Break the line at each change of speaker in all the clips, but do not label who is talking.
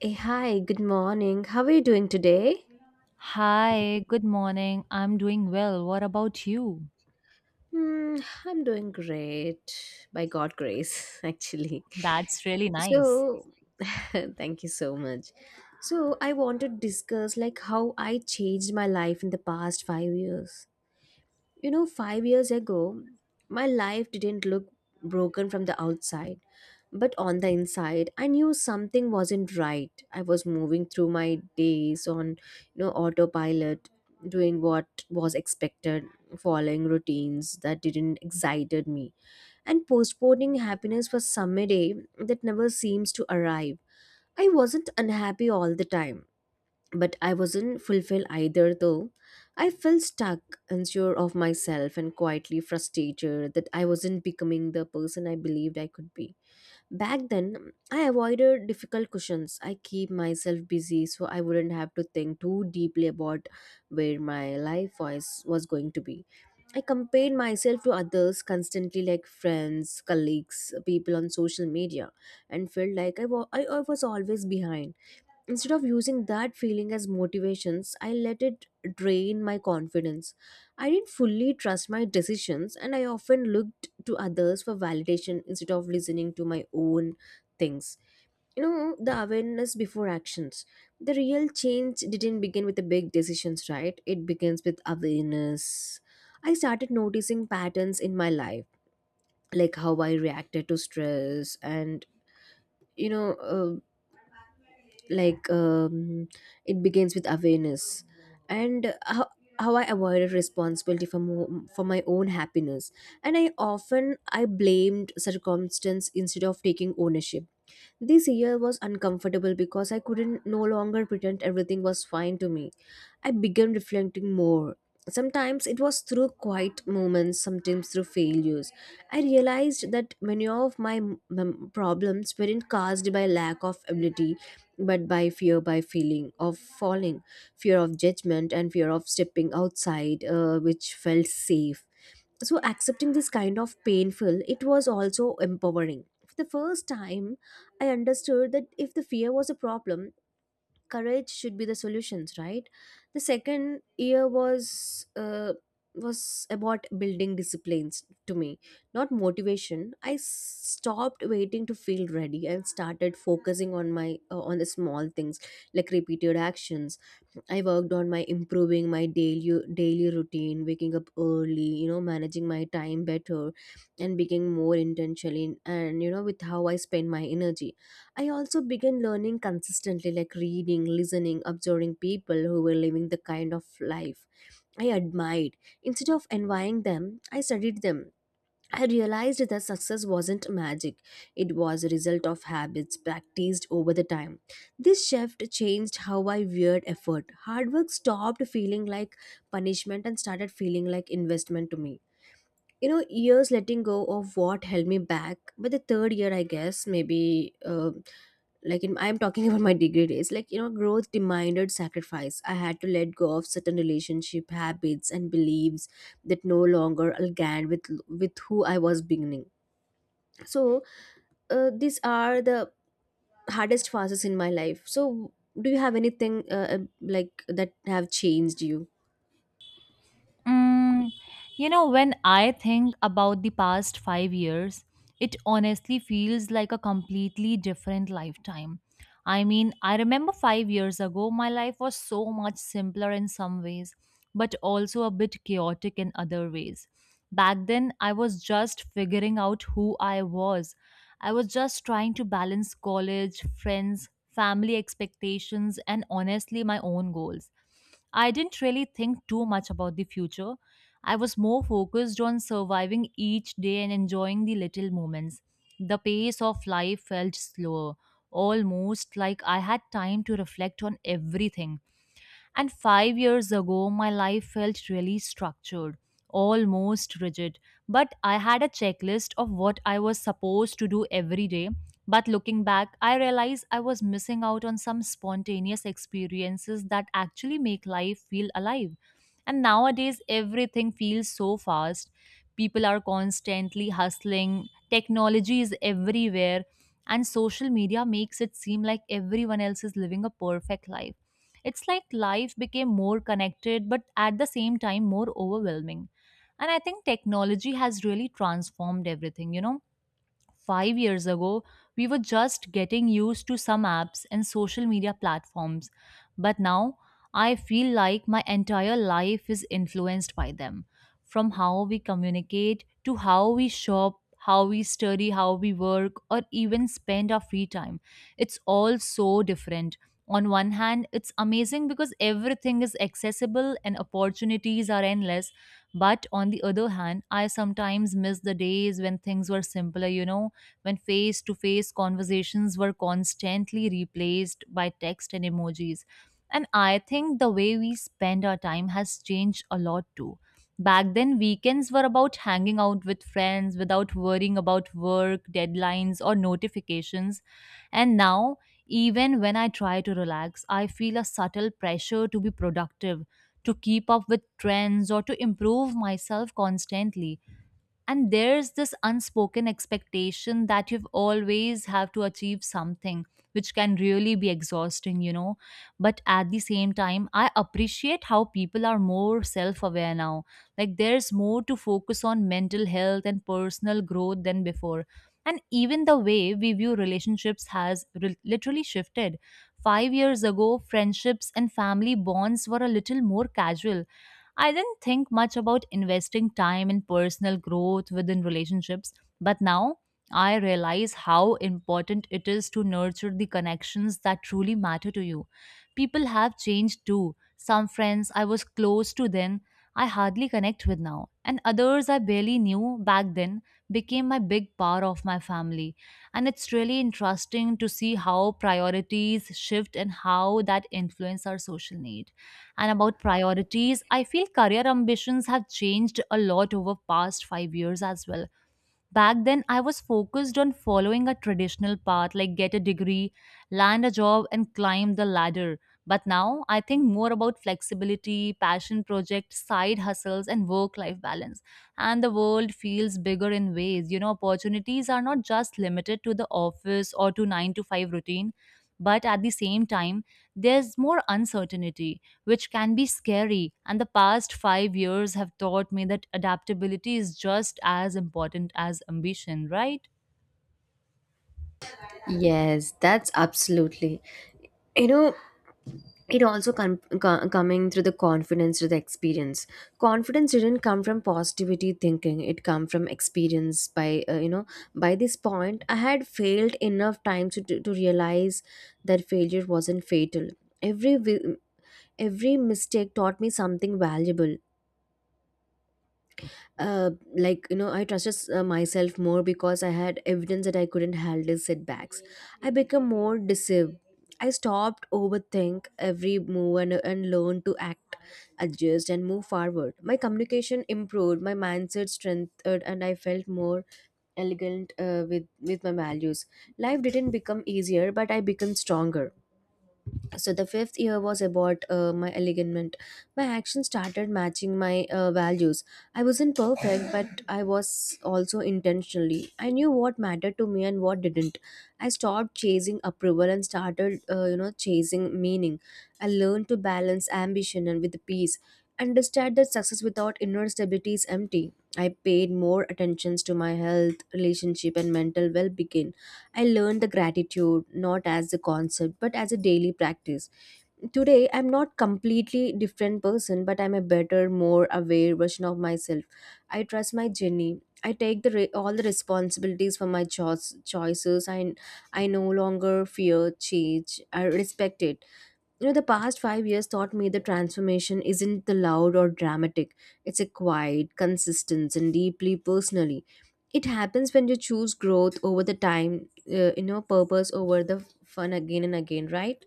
Hey, hi, good morning. How are you doing today?
Hi, good morning. I'm doing well. What about you?
Hmm, I'm doing great by God' grace, actually.
That's really nice.
So, thank you so much. So, I want to discuss like how I changed my life in the past 5 years. You know, 5 years ago, my life didn't look broken from the outside, but on the inside, I knew something wasn't right. I was moving through my days on, you know, autopilot, doing what was expected, following routines that didn't excited me, and postponing happiness for some day that never seems to arrive. I wasn't unhappy all the time but I wasn't fulfilled either, though. I felt stuck, unsure of myself, and quietly frustrated that I wasn't becoming the person I believed I could be. Back then, I avoided difficult questions. I keep myself busy so I wouldn't have to think too deeply about where my life was going to be. I compared myself to others constantly, like friends, colleagues, people on social media, and felt like I wa- I was always behind. Instead of using that feeling as motivations, I let it drain my confidence. I didn't fully trust my decisions and I often looked to others for validation instead of listening to my own things. You know, the awareness before actions. The real change didn't begin with the big decisions, right? It begins with awareness. I started noticing patterns in my life, like how I reacted to stress and you know uh, like um, it begins with awareness and how I avoided responsibility for my own happiness and I often I blamed circumstance instead of taking ownership. This year was uncomfortable because I couldn't no longer pretend everything was fine to me. I began reflecting more. Sometimes it was through quiet moments, sometimes through failures. I realized that many of my problems weren't caused by lack of ability, but by fear, by feeling of falling, fear of judgment, and fear of stepping outside, which felt safe. So accepting this kind of painful it was also empowering. For the first time I understood that if the fear was a problem, courage should be the solutions, right? The second year was was about building disciplines to me, not motivation. I stopped waiting to feel ready and started focusing on my on the small things, like repeated actions. I worked on my improving my daily routine, waking up early, you know, managing my time better and being more intentional in, and you know with how I spend my energy. I also began learning consistently, like reading, listening, observing people who were living the kind of life I admired. Instead of envying them, I studied them. I realized that success wasn't magic. It was a result of habits practiced over the time. This shift changed how I viewed effort. Hard work stopped feeling like punishment and started feeling like investment to me. You know, years letting go of what held me back, but the third year, I guess, I'm talking about my degree days, like, you know, growth demanded sacrifice. I had to let go of certain relationship habits and beliefs that no longer aligned with who I was beginning. So these are the hardest phases in my life. So do you have anything like that have changed you?
Mm, you know, when I think about the past 5 years, it honestly feels like a completely different lifetime. I mean, I remember 5 years ago, my life was so much simpler in some ways, but also a bit chaotic in other ways. Back then, I was just figuring out who I was. I was just trying to balance college, friends, family expectations, and honestly, my own goals. I didn't really think too much about the future. I was more focused on surviving each day and enjoying the little moments. The pace of life felt slower, almost like I had time to reflect on everything. And 5 years ago, my life felt really structured, almost rigid. But I had a checklist of what I was supposed to do every day. But looking back, I realized I was missing out on some spontaneous experiences that actually make life feel alive. And nowadays, everything feels so fast. People are constantly hustling, technology is everywhere, and social media makes it seem like everyone else is living a perfect life. It's like life became more connected, but at the same time, more overwhelming. And I think technology has really transformed everything. You know, 5 years ago, we were just getting used to some apps and social media platforms, but now I feel like my entire life is influenced by them. From how we communicate to how we shop, how we study, how we work, or even spend our free time, it's all so different. On one hand, it's amazing because everything is accessible and opportunities are endless. But on the other hand, I sometimes miss the days when things were simpler, you know, when face to face conversations were constantly replaced by text and emojis. And I think the way we spend our time has changed a lot too. Back then, weekends were about hanging out with friends without worrying about work, deadlines, or notifications. And now, even when I try to relax, I feel a subtle pressure to be productive, to keep up with trends, or to improve myself constantly. And there's this unspoken expectation that you've always have to achieve something, which can really be exhausting, you know. But at the same time, I appreciate how people are more self aware now. Like, there's more to focus on mental health and personal growth than before. And even the way we view relationships has literally shifted. 5 years ago, friendships and family bonds were a little more casual. I didn't think much about investing time in personal growth within relationships, but now I realize how important it is to nurture the connections that truly matter to you. People have changed too. Some friends I was close to then, I hardly connect with now, and others I barely knew back then became my big part of my family. And it's really interesting to see how priorities shift and how that influence our social needs. And about priorities, I feel career ambitions have changed a lot over past 5 years as well. Back then, I was focused on following a traditional path, like get a degree, land a job, and climb the ladder. But now I think more about flexibility, passion projects, side hustles, and work life balance. And the world feels bigger in ways, you know, opportunities are not just limited to the office or to 9 to 5 routine. But at the same time, there's more uncertainty, which can be scary. And the past 5 years have taught me that adaptability is just as important as ambition, right?
Yes, that's absolutely. You know, it also coming through the confidence through the experience. Confidence didn't come from positivity thinking, it come from experience by by this point I had failed enough times to realize that failure wasn't fatal. every wi- every mistake taught me something valuable. uh, I trusted myself more because I had evidence that I couldn't handle setbacks. I became more decisive. I stopped overthink every move and learned to act, adjust and move forward. My communication improved, my mindset strengthened and I felt more elegant with my values. Life didn't become easier but I became stronger. So the fifth year was about my alignment. My actions started matching my values. I wasn't perfect but I was also intentionally. I knew what mattered to me and what didn't. I stopped chasing approval and started chasing meaning. I learned to balance ambition and with peace. Understand that success without inner stability is empty. I paid more attentions to my health relationship and mental well-being. I learned the gratitude not as a concept but as a daily practice. Today I'm not completely different person but I'm a better more aware version of myself. I trust my journey. I take the all the responsibilities for my choices and I no longer fear change, I respect it. You know, the past 5 years taught me the transformation isn't the loud or dramatic. It's a quiet consistent and deeply personally. It happens when you choose growth over the time, purpose over the fun again and again, right?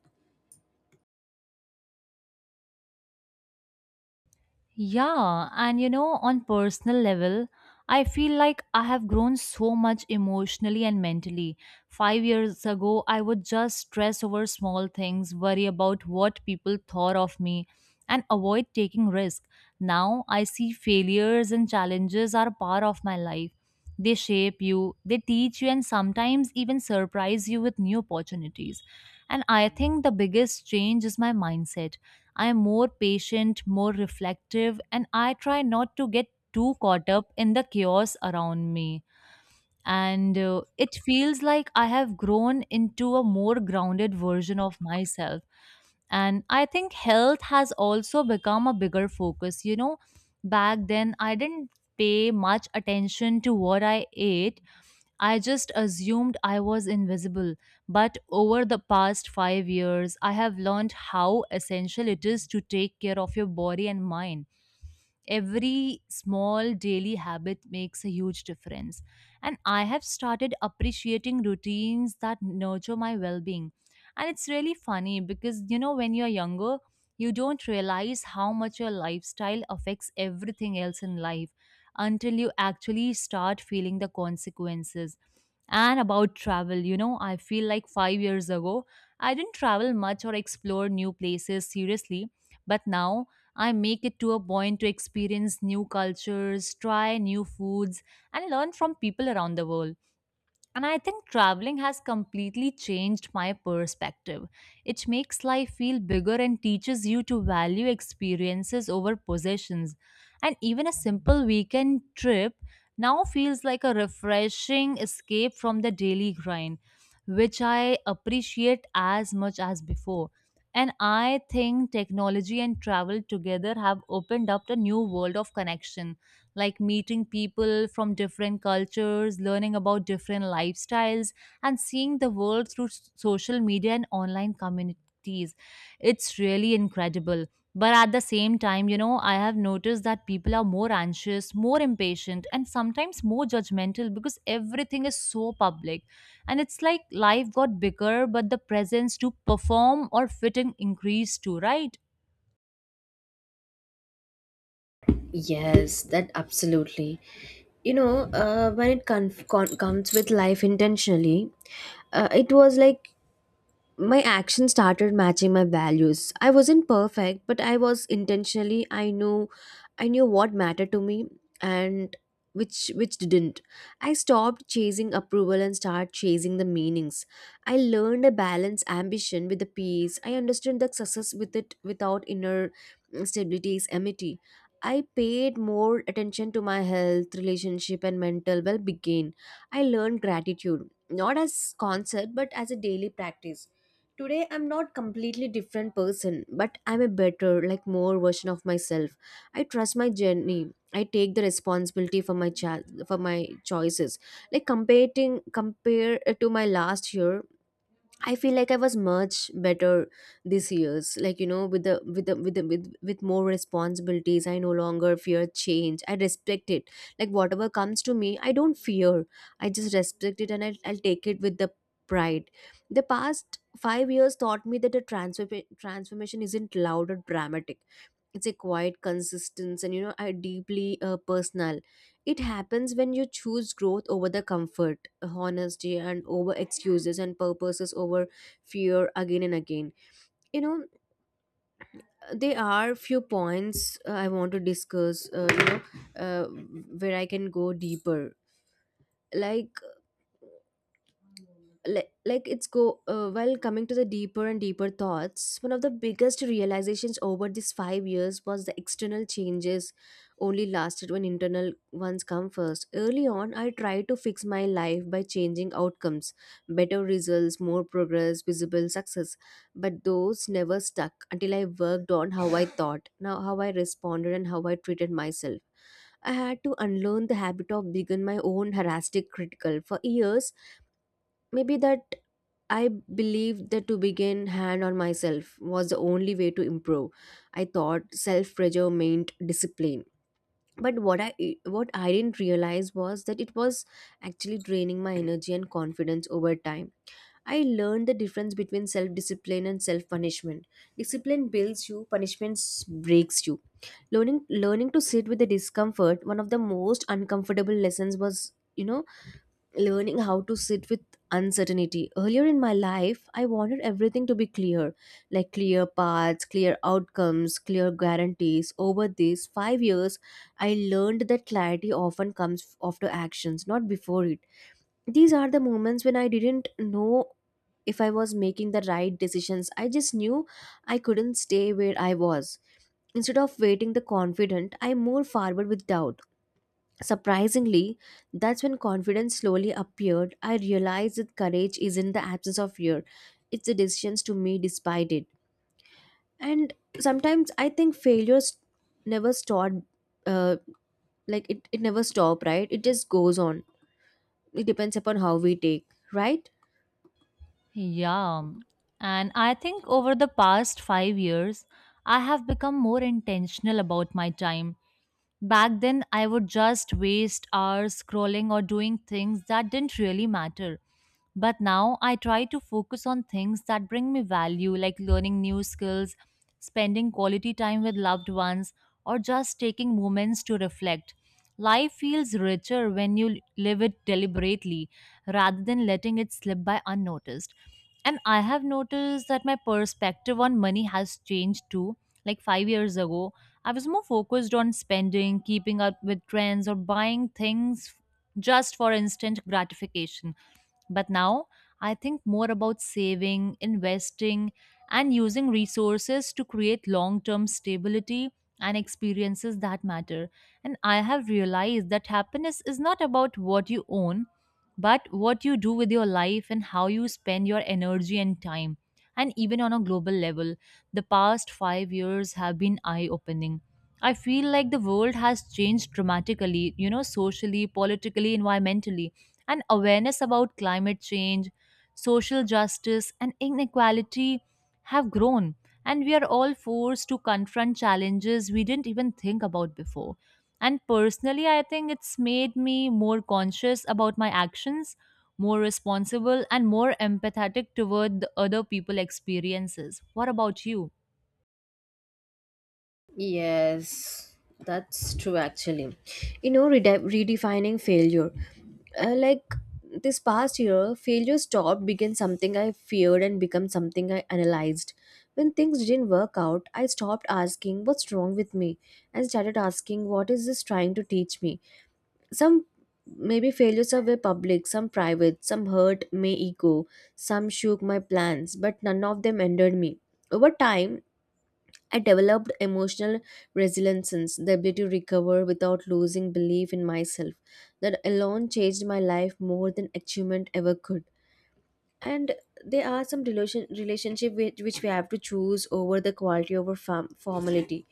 Yeah, and you know, on personal level, I feel like I have grown so much emotionally and mentally. 5 years ago, I would just stress over small things, worry about what people thought of me, and avoid taking risks. Now, I see failures and challenges are part of my life. They shape you, they teach you, and sometimes even surprise you with new opportunities. And I think the biggest change is my mindset. I'm more patient, more reflective, and I try not to get too caught up in the chaos around me. And it feels like I have grown into a more grounded version of myself. And I think health has also become a bigger focus. You know, back then I didn't pay much attention to what I ate. I just assumed I was invisible, but over the past 5 years, I have learned how essential it is to take care of your body and mind. Every small daily habit makes a huge difference, and I have started appreciating routines that nurture my well-being. And it's really funny because, you know, when you're younger you don't realize how much your lifestyle affects everything else in life until you actually start feeling the consequences. And about travel, you know, I feel like 5 years ago I didn't travel much or explore new places seriously, but now I make it to a point to experience new cultures, try new foods, and learn from people around the world. And I think traveling has completely changed my perspective. It makes life feel bigger and teaches you to value experiences over possessions. And even a simple weekend trip now feels like a refreshing escape from the daily grind, which I appreciate as much as before. And I think technology and travel together have opened up a new world of connection, like meeting people from different cultures, learning about different lifestyles, and seeing the world through social media and online communities. It's really incredible. But at the same time, you know, I have noticed that people are more anxious, more impatient, and sometimes more judgmental because everything is so public. And it's like life got bigger, but the presence to perform or fit in increased too, right?
Yes, that absolutely. You know, when it comes with life intentionally, it was like my action started matching my values. I wasn't perfect but I was intentionally. I knew what mattered to me and which didn't. I stopped chasing approval and started chasing the meanings. I learned a balance ambition with the peace. I understood that success without inner stability is empty. I paid more attention to my health relationship and mental well-being. I learned gratitude not as concept but as a daily practice. Today I'm not completely different person but I'm a better like more version of myself. I trust my journey. I take the responsibility for my choices. Like comparing compare to my last year, I feel like I was much better this years. Like you know, with with more responsibilities, I no longer fear change. I respect it. Like whatever comes to me, I don't fear. I just respect it, and I'll take it with the pride. The past 5 years taught me that a transfer transformation isn't loud or dramatic. It's a quiet consistence and you know I deeply personal. It happens when you choose growth over the comfort, honesty and over excuses and purposes over fear again and again. You know, there are few points I want to discuss, uh, where I can go deeper. Like like it's go while coming to the deeper and deeper thoughts, one of the biggest realizations over these 5 years was the external changes only lasted when internal ones come first. Early on I tried to fix my life by changing outcomes, better results, more progress, visible success, but those never stuck until I worked on how I thought, now how I responded and how I treated myself. I had to unlearn the habit of being my own heuristic critical for years. Maybe that I believed that to begin hand on myself was the only way to improve. I thought self pressure meant discipline. But what I didn't realize was that it was actually draining my energy and confidence over time. I learned the difference between self discipline and self punishment. Discipline builds you, punishment breaks you. Learning to sit with the discomfort, one of the most uncomfortable lessons was, you know, learning how to sit with uncertainty. Earlier in my life, I wanted everything to be clear, like clear paths, clear outcomes, clear guarantees. Over these 5 years, I learned that clarity often comes after actions, not before it. These are the moments when I didn't know if I was making the right decisions. I just knew I couldn't stay where I was. Instead of waiting the confident, I moved forward with doubt. Surprisingly, that's when confidence slowly appeared. I realized that courage is not the absence of fear, it's the decisions to me despite it. And sometimes I think failures never stop, uh, like it never stop, right? It just goes on. It depends upon how we take, right?
Yeah. And I think over the past 5 years, I have become more intentional about my time. Back then, I would just waste hours scrolling or doing things that didn't really matter. But now I try to focus on things that bring me value, like learning new skills, spending quality time with loved ones, or just taking moments to reflect. Life feels richer when you live it deliberately rather than letting it slip by unnoticed. And I have noticed that my perspective on money has changed too. Like 5 years ago, I was more focused on spending, keeping up with trends, or buying things just for instant gratification. But now I think more about saving, investing, and using resources to create long term stability and experiences that matter. And I have realized that happiness is not about what you own, but what you do with your life and how you spend your energy and time. And even on a global level, the past 5 years have been eye opening. I feel like the world has changed dramatically, you know, socially, politically, environmentally. And awareness about climate change, social justice, and inequality have grown, and we are all forced to confront challenges we didn't even think about before. And personally, I think it's made me more conscious about my actions, more responsible, and more empathetic toward the other people' experiences. What about you?
Yes, that's true actually. You know, redefining failure. Uh, like this past year, failure stopped being something I feared and become something I analyzed. When things didn't work out, I stopped asking what's wrong with me and started asking what is this trying to teach me. Some maybe failures are were public, some private, some hurt my ego, some shook my plans, but none of them ended me. Over time, I developed emotional resilience, the ability to recover without losing belief in myself. That alone changed my life more than achievement ever could. And there are some relationship which we have to choose over the quality over formality.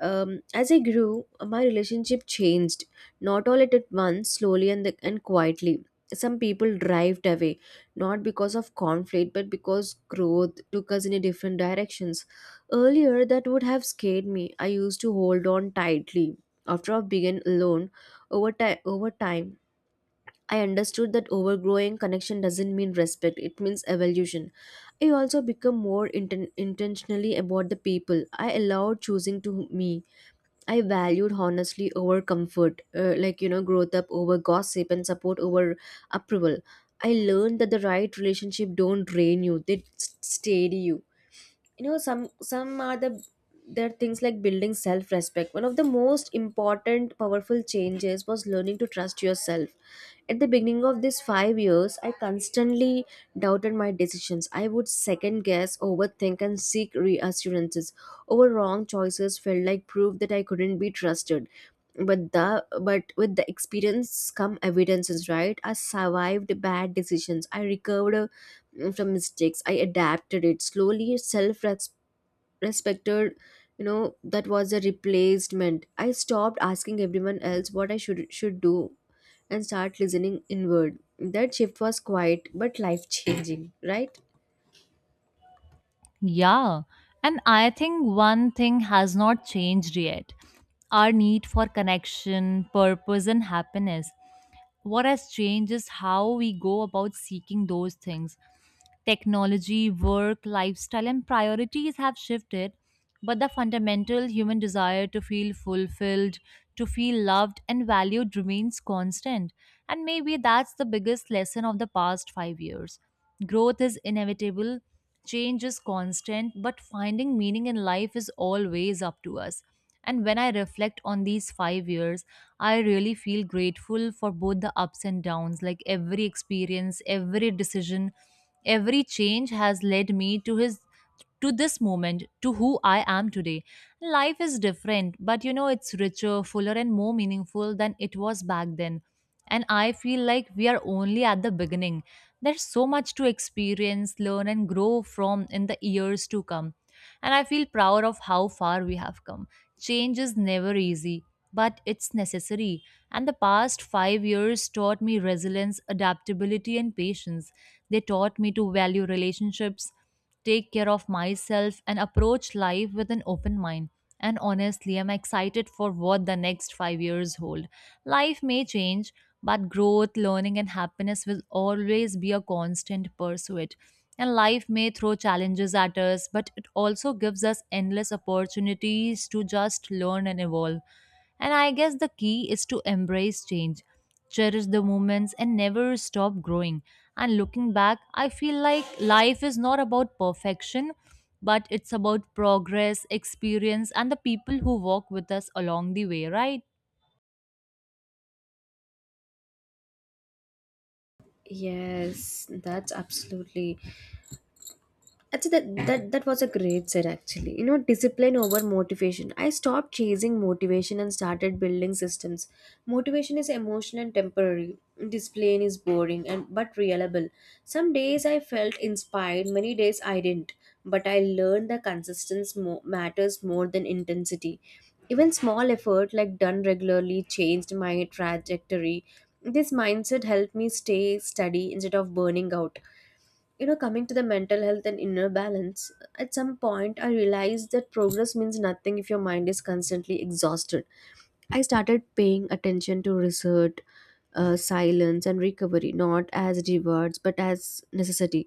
As I grew, my relationship changed, not all at once, slowly and quietly. Some people drived away, not because of conflict, but because growth took us in a different directions. Earlier, that would have scared me. I used to hold on tightly. After I began alone, over time, I understood that overgrowing connection doesn't mean respect, it means evolution. I also become more intentionally about the people I allowed choosing to me. I valued honestly over comfort, growth up over gossip and support over approval. I learned that the right relationship don't drain you, steady you. You know, some are the There are things like building self-respect. One of the most important powerful changes was learning to trust yourself. At the beginning of these 5 years, I constantly doubted my decisions. I would second guess, overthink, and seek reassurances. Over wrong choices felt like proof that I couldn't be trusted. But with the experience come evidences, right? I survived bad decisions. I recovered from mistakes. I adapted it slowly. Self respected, you know, that was a replacement. I stopped asking everyone else what I should do and start listening inward. That shift was quiet but life changing, right?
Yeah, and I think one thing has not changed yet: our need for connection, purpose, and happiness. What has changed is how we go about seeking those things. Technology, work, lifestyle, and priorities have shifted, but the fundamental human desire to feel fulfilled, to feel loved and valued remains constant. And maybe that's the biggest lesson of the past 5 years. Growth is inevitable, change is constant, but finding meaning in life is always up to us. And when I reflect on these 5 years, I really feel grateful for both the ups and downs. Like every experience, every decision, every change has led me to his to this moment, to who I am today. Life is different, but you know it's richer, fuller and more meaningful than it was back then. And I feel like we are only at the beginning. There's so much to experience, learn, and grow from in the years to come. And I feel proud of how far we have come. Change is never easy, but it's necessary. And the past 5 years taught me resilience, adaptability, and patience. They taught me to value relationships, take care of myself, and approach life with an open mind. And honestly, I'm excited for what the next 5 years hold. Life may change, but growth, learning, and happiness will always be a constant pursuit. And life may throw challenges at us, but it also gives us endless opportunities to just learn and evolve. And I guess the key is to embrace change, cherish the moments, and never stop growing. And looking back, I feel like life is not about perfection, but it's about progress, experience, and the people who walk with us along the way, right?
Yes, that's absolutely. Actually, that was a great set actually. You know, discipline over motivation. I stopped chasing motivation and started building systems. Motivation is emotional and temporary. Discipline is boring and but reliable. Some days I felt inspired, many days I didn't. But I learned that consistency matters more than intensity. Even small effort like done regularly changed my trajectory. This mindset helped me stay steady instead of burning out. You know, coming to the mental health and inner balance, at some point I realized that progress means nothing if your mind is constantly exhausted. I started paying attention to research, silence and recovery not as rewards but as necessity.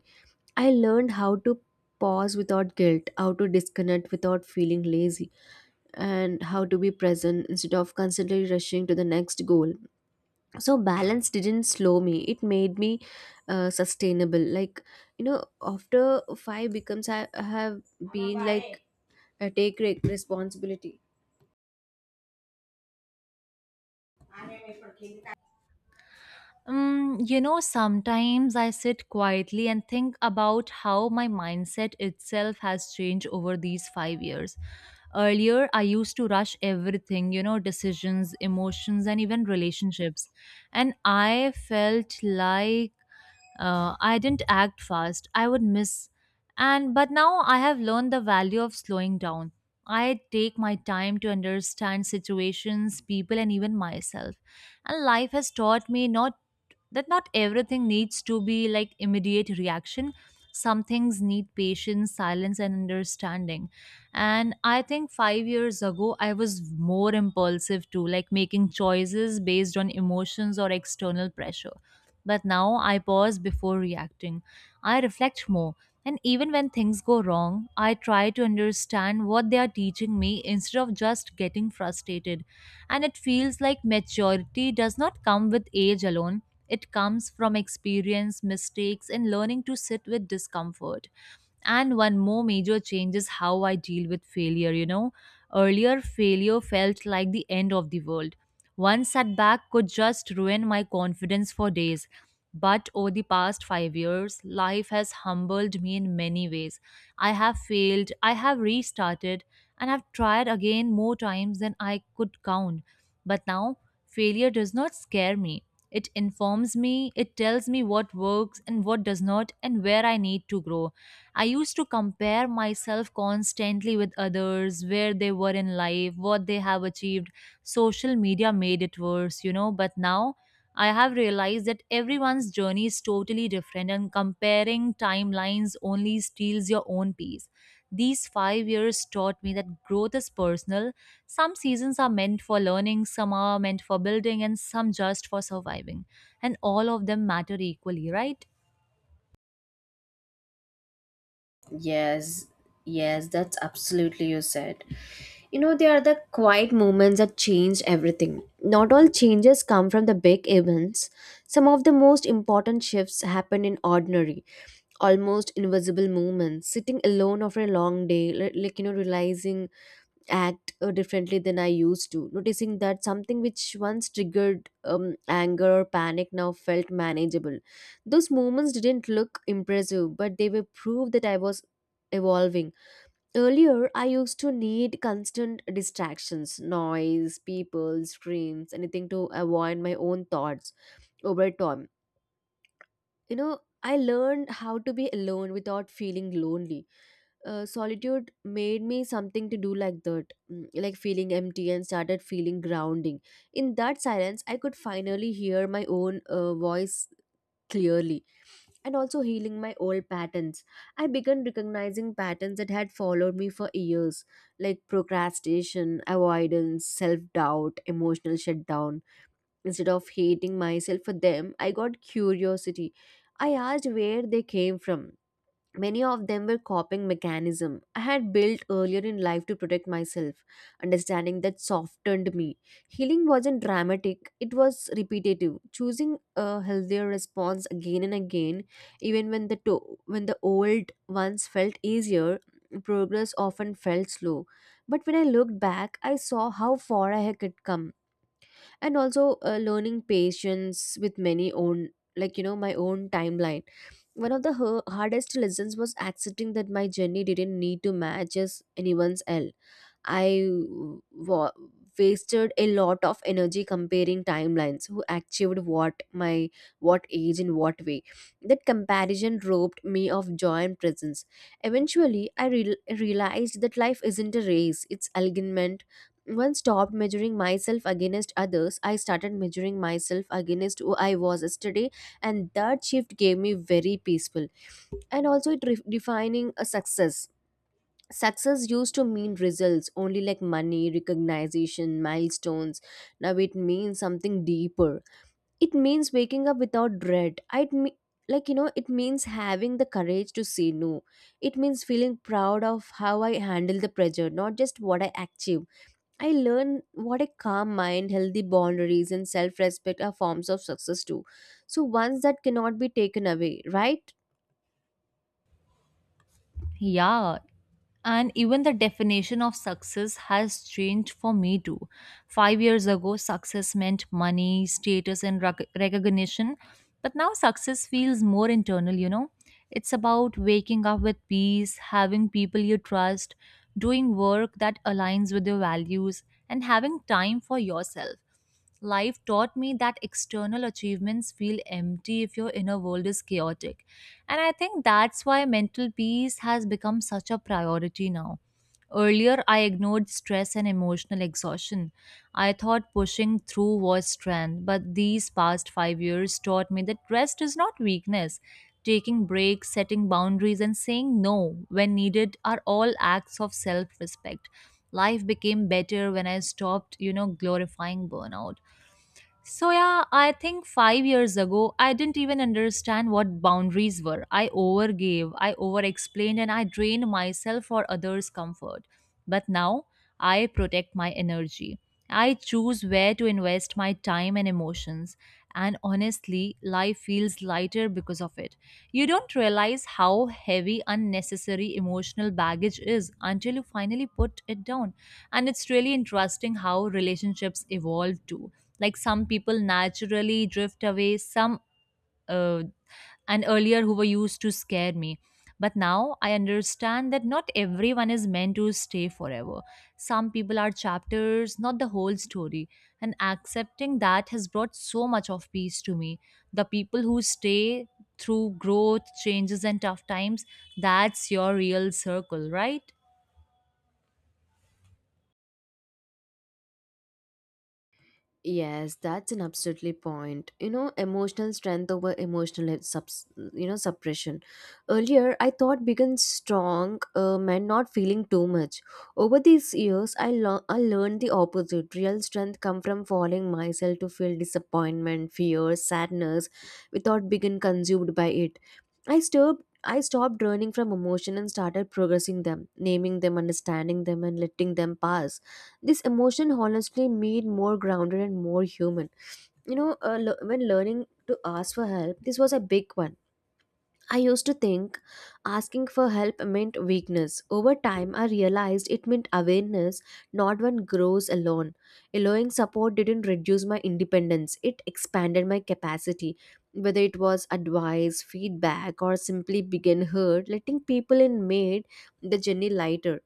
I learned how to pause without guilt, how to disconnect without feeling lazy, and how to be present instead of constantly rushing to the next goal. So balance didn't slow me, it made me sustainable. After five becomes I have been like I take responsibility.
Sometimes I sit quietly and think about how my mindset itself has changed over these 5 years. Earlier, I used to rush everything, you know, decisions, emotions, and even relationships. And I felt like I didn't act fast, I would miss. And but now I have learned the value of slowing down. I take my time to understand situations, people, and even myself. And life has taught me not that not everything needs to be like immediate reaction. Some things need patience, silence, and understanding. And I think 5 years ago, I was more impulsive too, like making choices based on emotions or external pressure. But now I pause before reacting. I reflect more. And even when things go wrong, I try to understand what they are teaching me instead of just getting frustrated. And it feels like maturity does not come with age alone. It comes from experience, mistakes, and learning to sit with discomfort. And one more major change is how I deal with failure, you know. Earlier, failure felt like the end of the world. One setback could just ruin my confidence for days. But over the past 5 years, life has humbled me in many ways. I have failed, I have restarted, and have tried again more times than I could count. But now, failure does not scare me. It informs me, it tells me what works and what does not, and where I need to grow. I used to compare myself constantly with others, where they were in life, what they have achieved. Social media made it worse, you know, but now I have realized that everyone's journey is totally different, and comparing timelines only steals your own peace. These 5 years taught me that growth is personal. Some seasons are meant for learning, some are meant for building, and some just for surviving. And all of them matter equally, right?
Yes, yes, that's absolutely, you said. You know, they are the quiet moments that change everything. Not all changes come from the big events. Some of the most important shifts happen in ordinary, almost invisible moments. Sitting alone after a long day, realizing act differently than I used to, noticing that something which once triggered anger or panic now felt manageable. Those moments didn't look impressive, but they were proof that I was evolving. Earlier, I used to need constant distractions, noise, people, screams, anything to avoid my own thoughts over time. You know, I learned how to be alone without feeling lonely. Solitude made me something to do like that, like feeling empty and started feeling grounding. In that silence, I could finally hear my own voice clearly, and also healing my old patterns. I began recognizing patterns that had followed me for years, like procrastination, avoidance, self doubt, emotional shutdown. Instead of hating myself for them, I got curiosity. I asked where they came from. Many of them were coping mechanism I had built earlier in life to protect myself. Understanding that softened me. Healing wasn't dramatic; it was repetitive. Choosing a healthier response again and again, even when the old ones felt easier, progress often felt slow. But when I looked back, I saw how far I had come, and also learning patience with many own, my own timeline. One of the hardest lessons was accepting that my journey didn't need to match as anyone's else. I wa- wasted a lot of energy comparing timelines, who achieved what, my what age in what way. That comparison robbed me of joy and presence. Eventually, I real realized that life isn't a race, it's alignment. Once stopped measuring myself against others, I started measuring myself against who I was yesterday, and that shift gave me very peaceful. And also defining a success. Success used to mean results only, like money, recognition, milestones. Now it means something deeper. It means waking up without dread. It it means having the courage to say no. It means feeling proud of how I handle the pressure, not just what I achieve. I learn what a calm mind, healthy boundaries, and self-respect are forms of success too. So once that cannot be taken away, right?
Yeah, and even the definition of success has changed for me too. 5 years ago, success meant money, status, and recognition. But now success feels more internal, you know? It's about waking up with peace, having people you trust, doing work that aligns with your values, and having time for yourself. Life taught me that external achievements feel empty if your inner world is chaotic. And I think that's why mental peace has become such a priority now. Earlier, I ignored stress and emotional exhaustion. I thought pushing through was strength, but these past 5 years taught me that rest is not weakness. Taking breaks, setting boundaries, and saying no when needed are all acts of self respect. Life became better when I stopped, you know, glorifying burnout. So, yeah, I think 5 years ago, I didn't even understand what boundaries were. I overgave, I over explained, and I drained myself for others' comfort. But now, I protect my energy. I choose where to invest my time and emotions. And honestly, life feels lighter because of it. You don't realize how heavy unnecessary emotional baggage is until you finally put it down. And it's really interesting how relationships evolve too, like some people naturally drift away, some uh, and earlier who were used to scare me, but now I understand that not everyone is meant to stay forever. Some people are chapters, not the whole story, and accepting that has brought so much of peace to me. The people who stay through growth, changes, and tough times, that's your real circle, right?
Yes, that's an absolutely point. You know, emotional strength over emotional subs, you know, suppression. Earlier, I thought being strong meant not feeling too much. Over these years, I learned the opposite. Real strength come from falling myself to feel disappointment, fear, sadness, without being consumed by it. I stopped running from emotion and started progressing them, naming them, understanding them, and letting them pass. This emotion honestly made more grounded and more human. You know le- when Learning to ask for help, this was a big one. I used to think asking for help meant weakness. Over time, I realized it meant awareness. Not one grows alone. Allowing support didn't reduce my independence, it expanded my capacity. Whether it was advice, feedback, or simply being heard, letting people in made the journey lighter.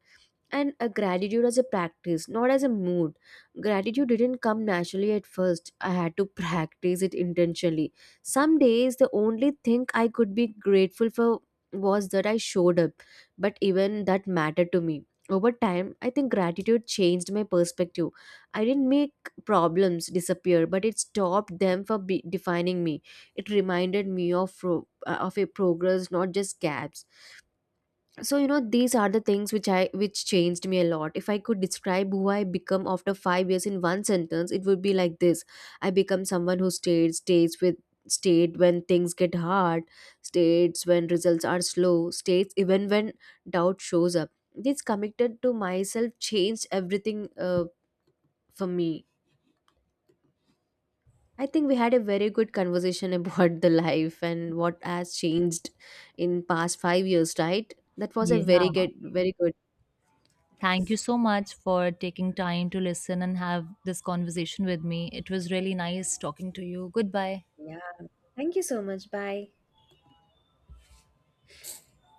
And a gratitude as a practice, not as a mood. Gratitude didn't come naturally at first. I had to practice it intentionally. Some days the only thing I could be grateful for was that I showed up, but even that mattered to me. Over time, I think gratitude changed my perspective. I didn't make problems disappear, but it stopped them from defining me. It reminded me of of a progress, not just gaps. So you know, these are the things which I which changed me a lot. If I could describe who I become after 5 years in one sentence, it would be like this. I become someone who stayed stays with stayed when things get hard, states when results are slow, states even when doubt shows up. This committed to myself changed everything, for me. I think we had a very good conversation about the life and what has changed in past 5 years, right? That was a
Yeah.
very good, very good.
Thank you so much for taking time to listen and have this conversation with me. It was really nice talking to you. Goodbye.
Yeah. Thank you so much. Bye.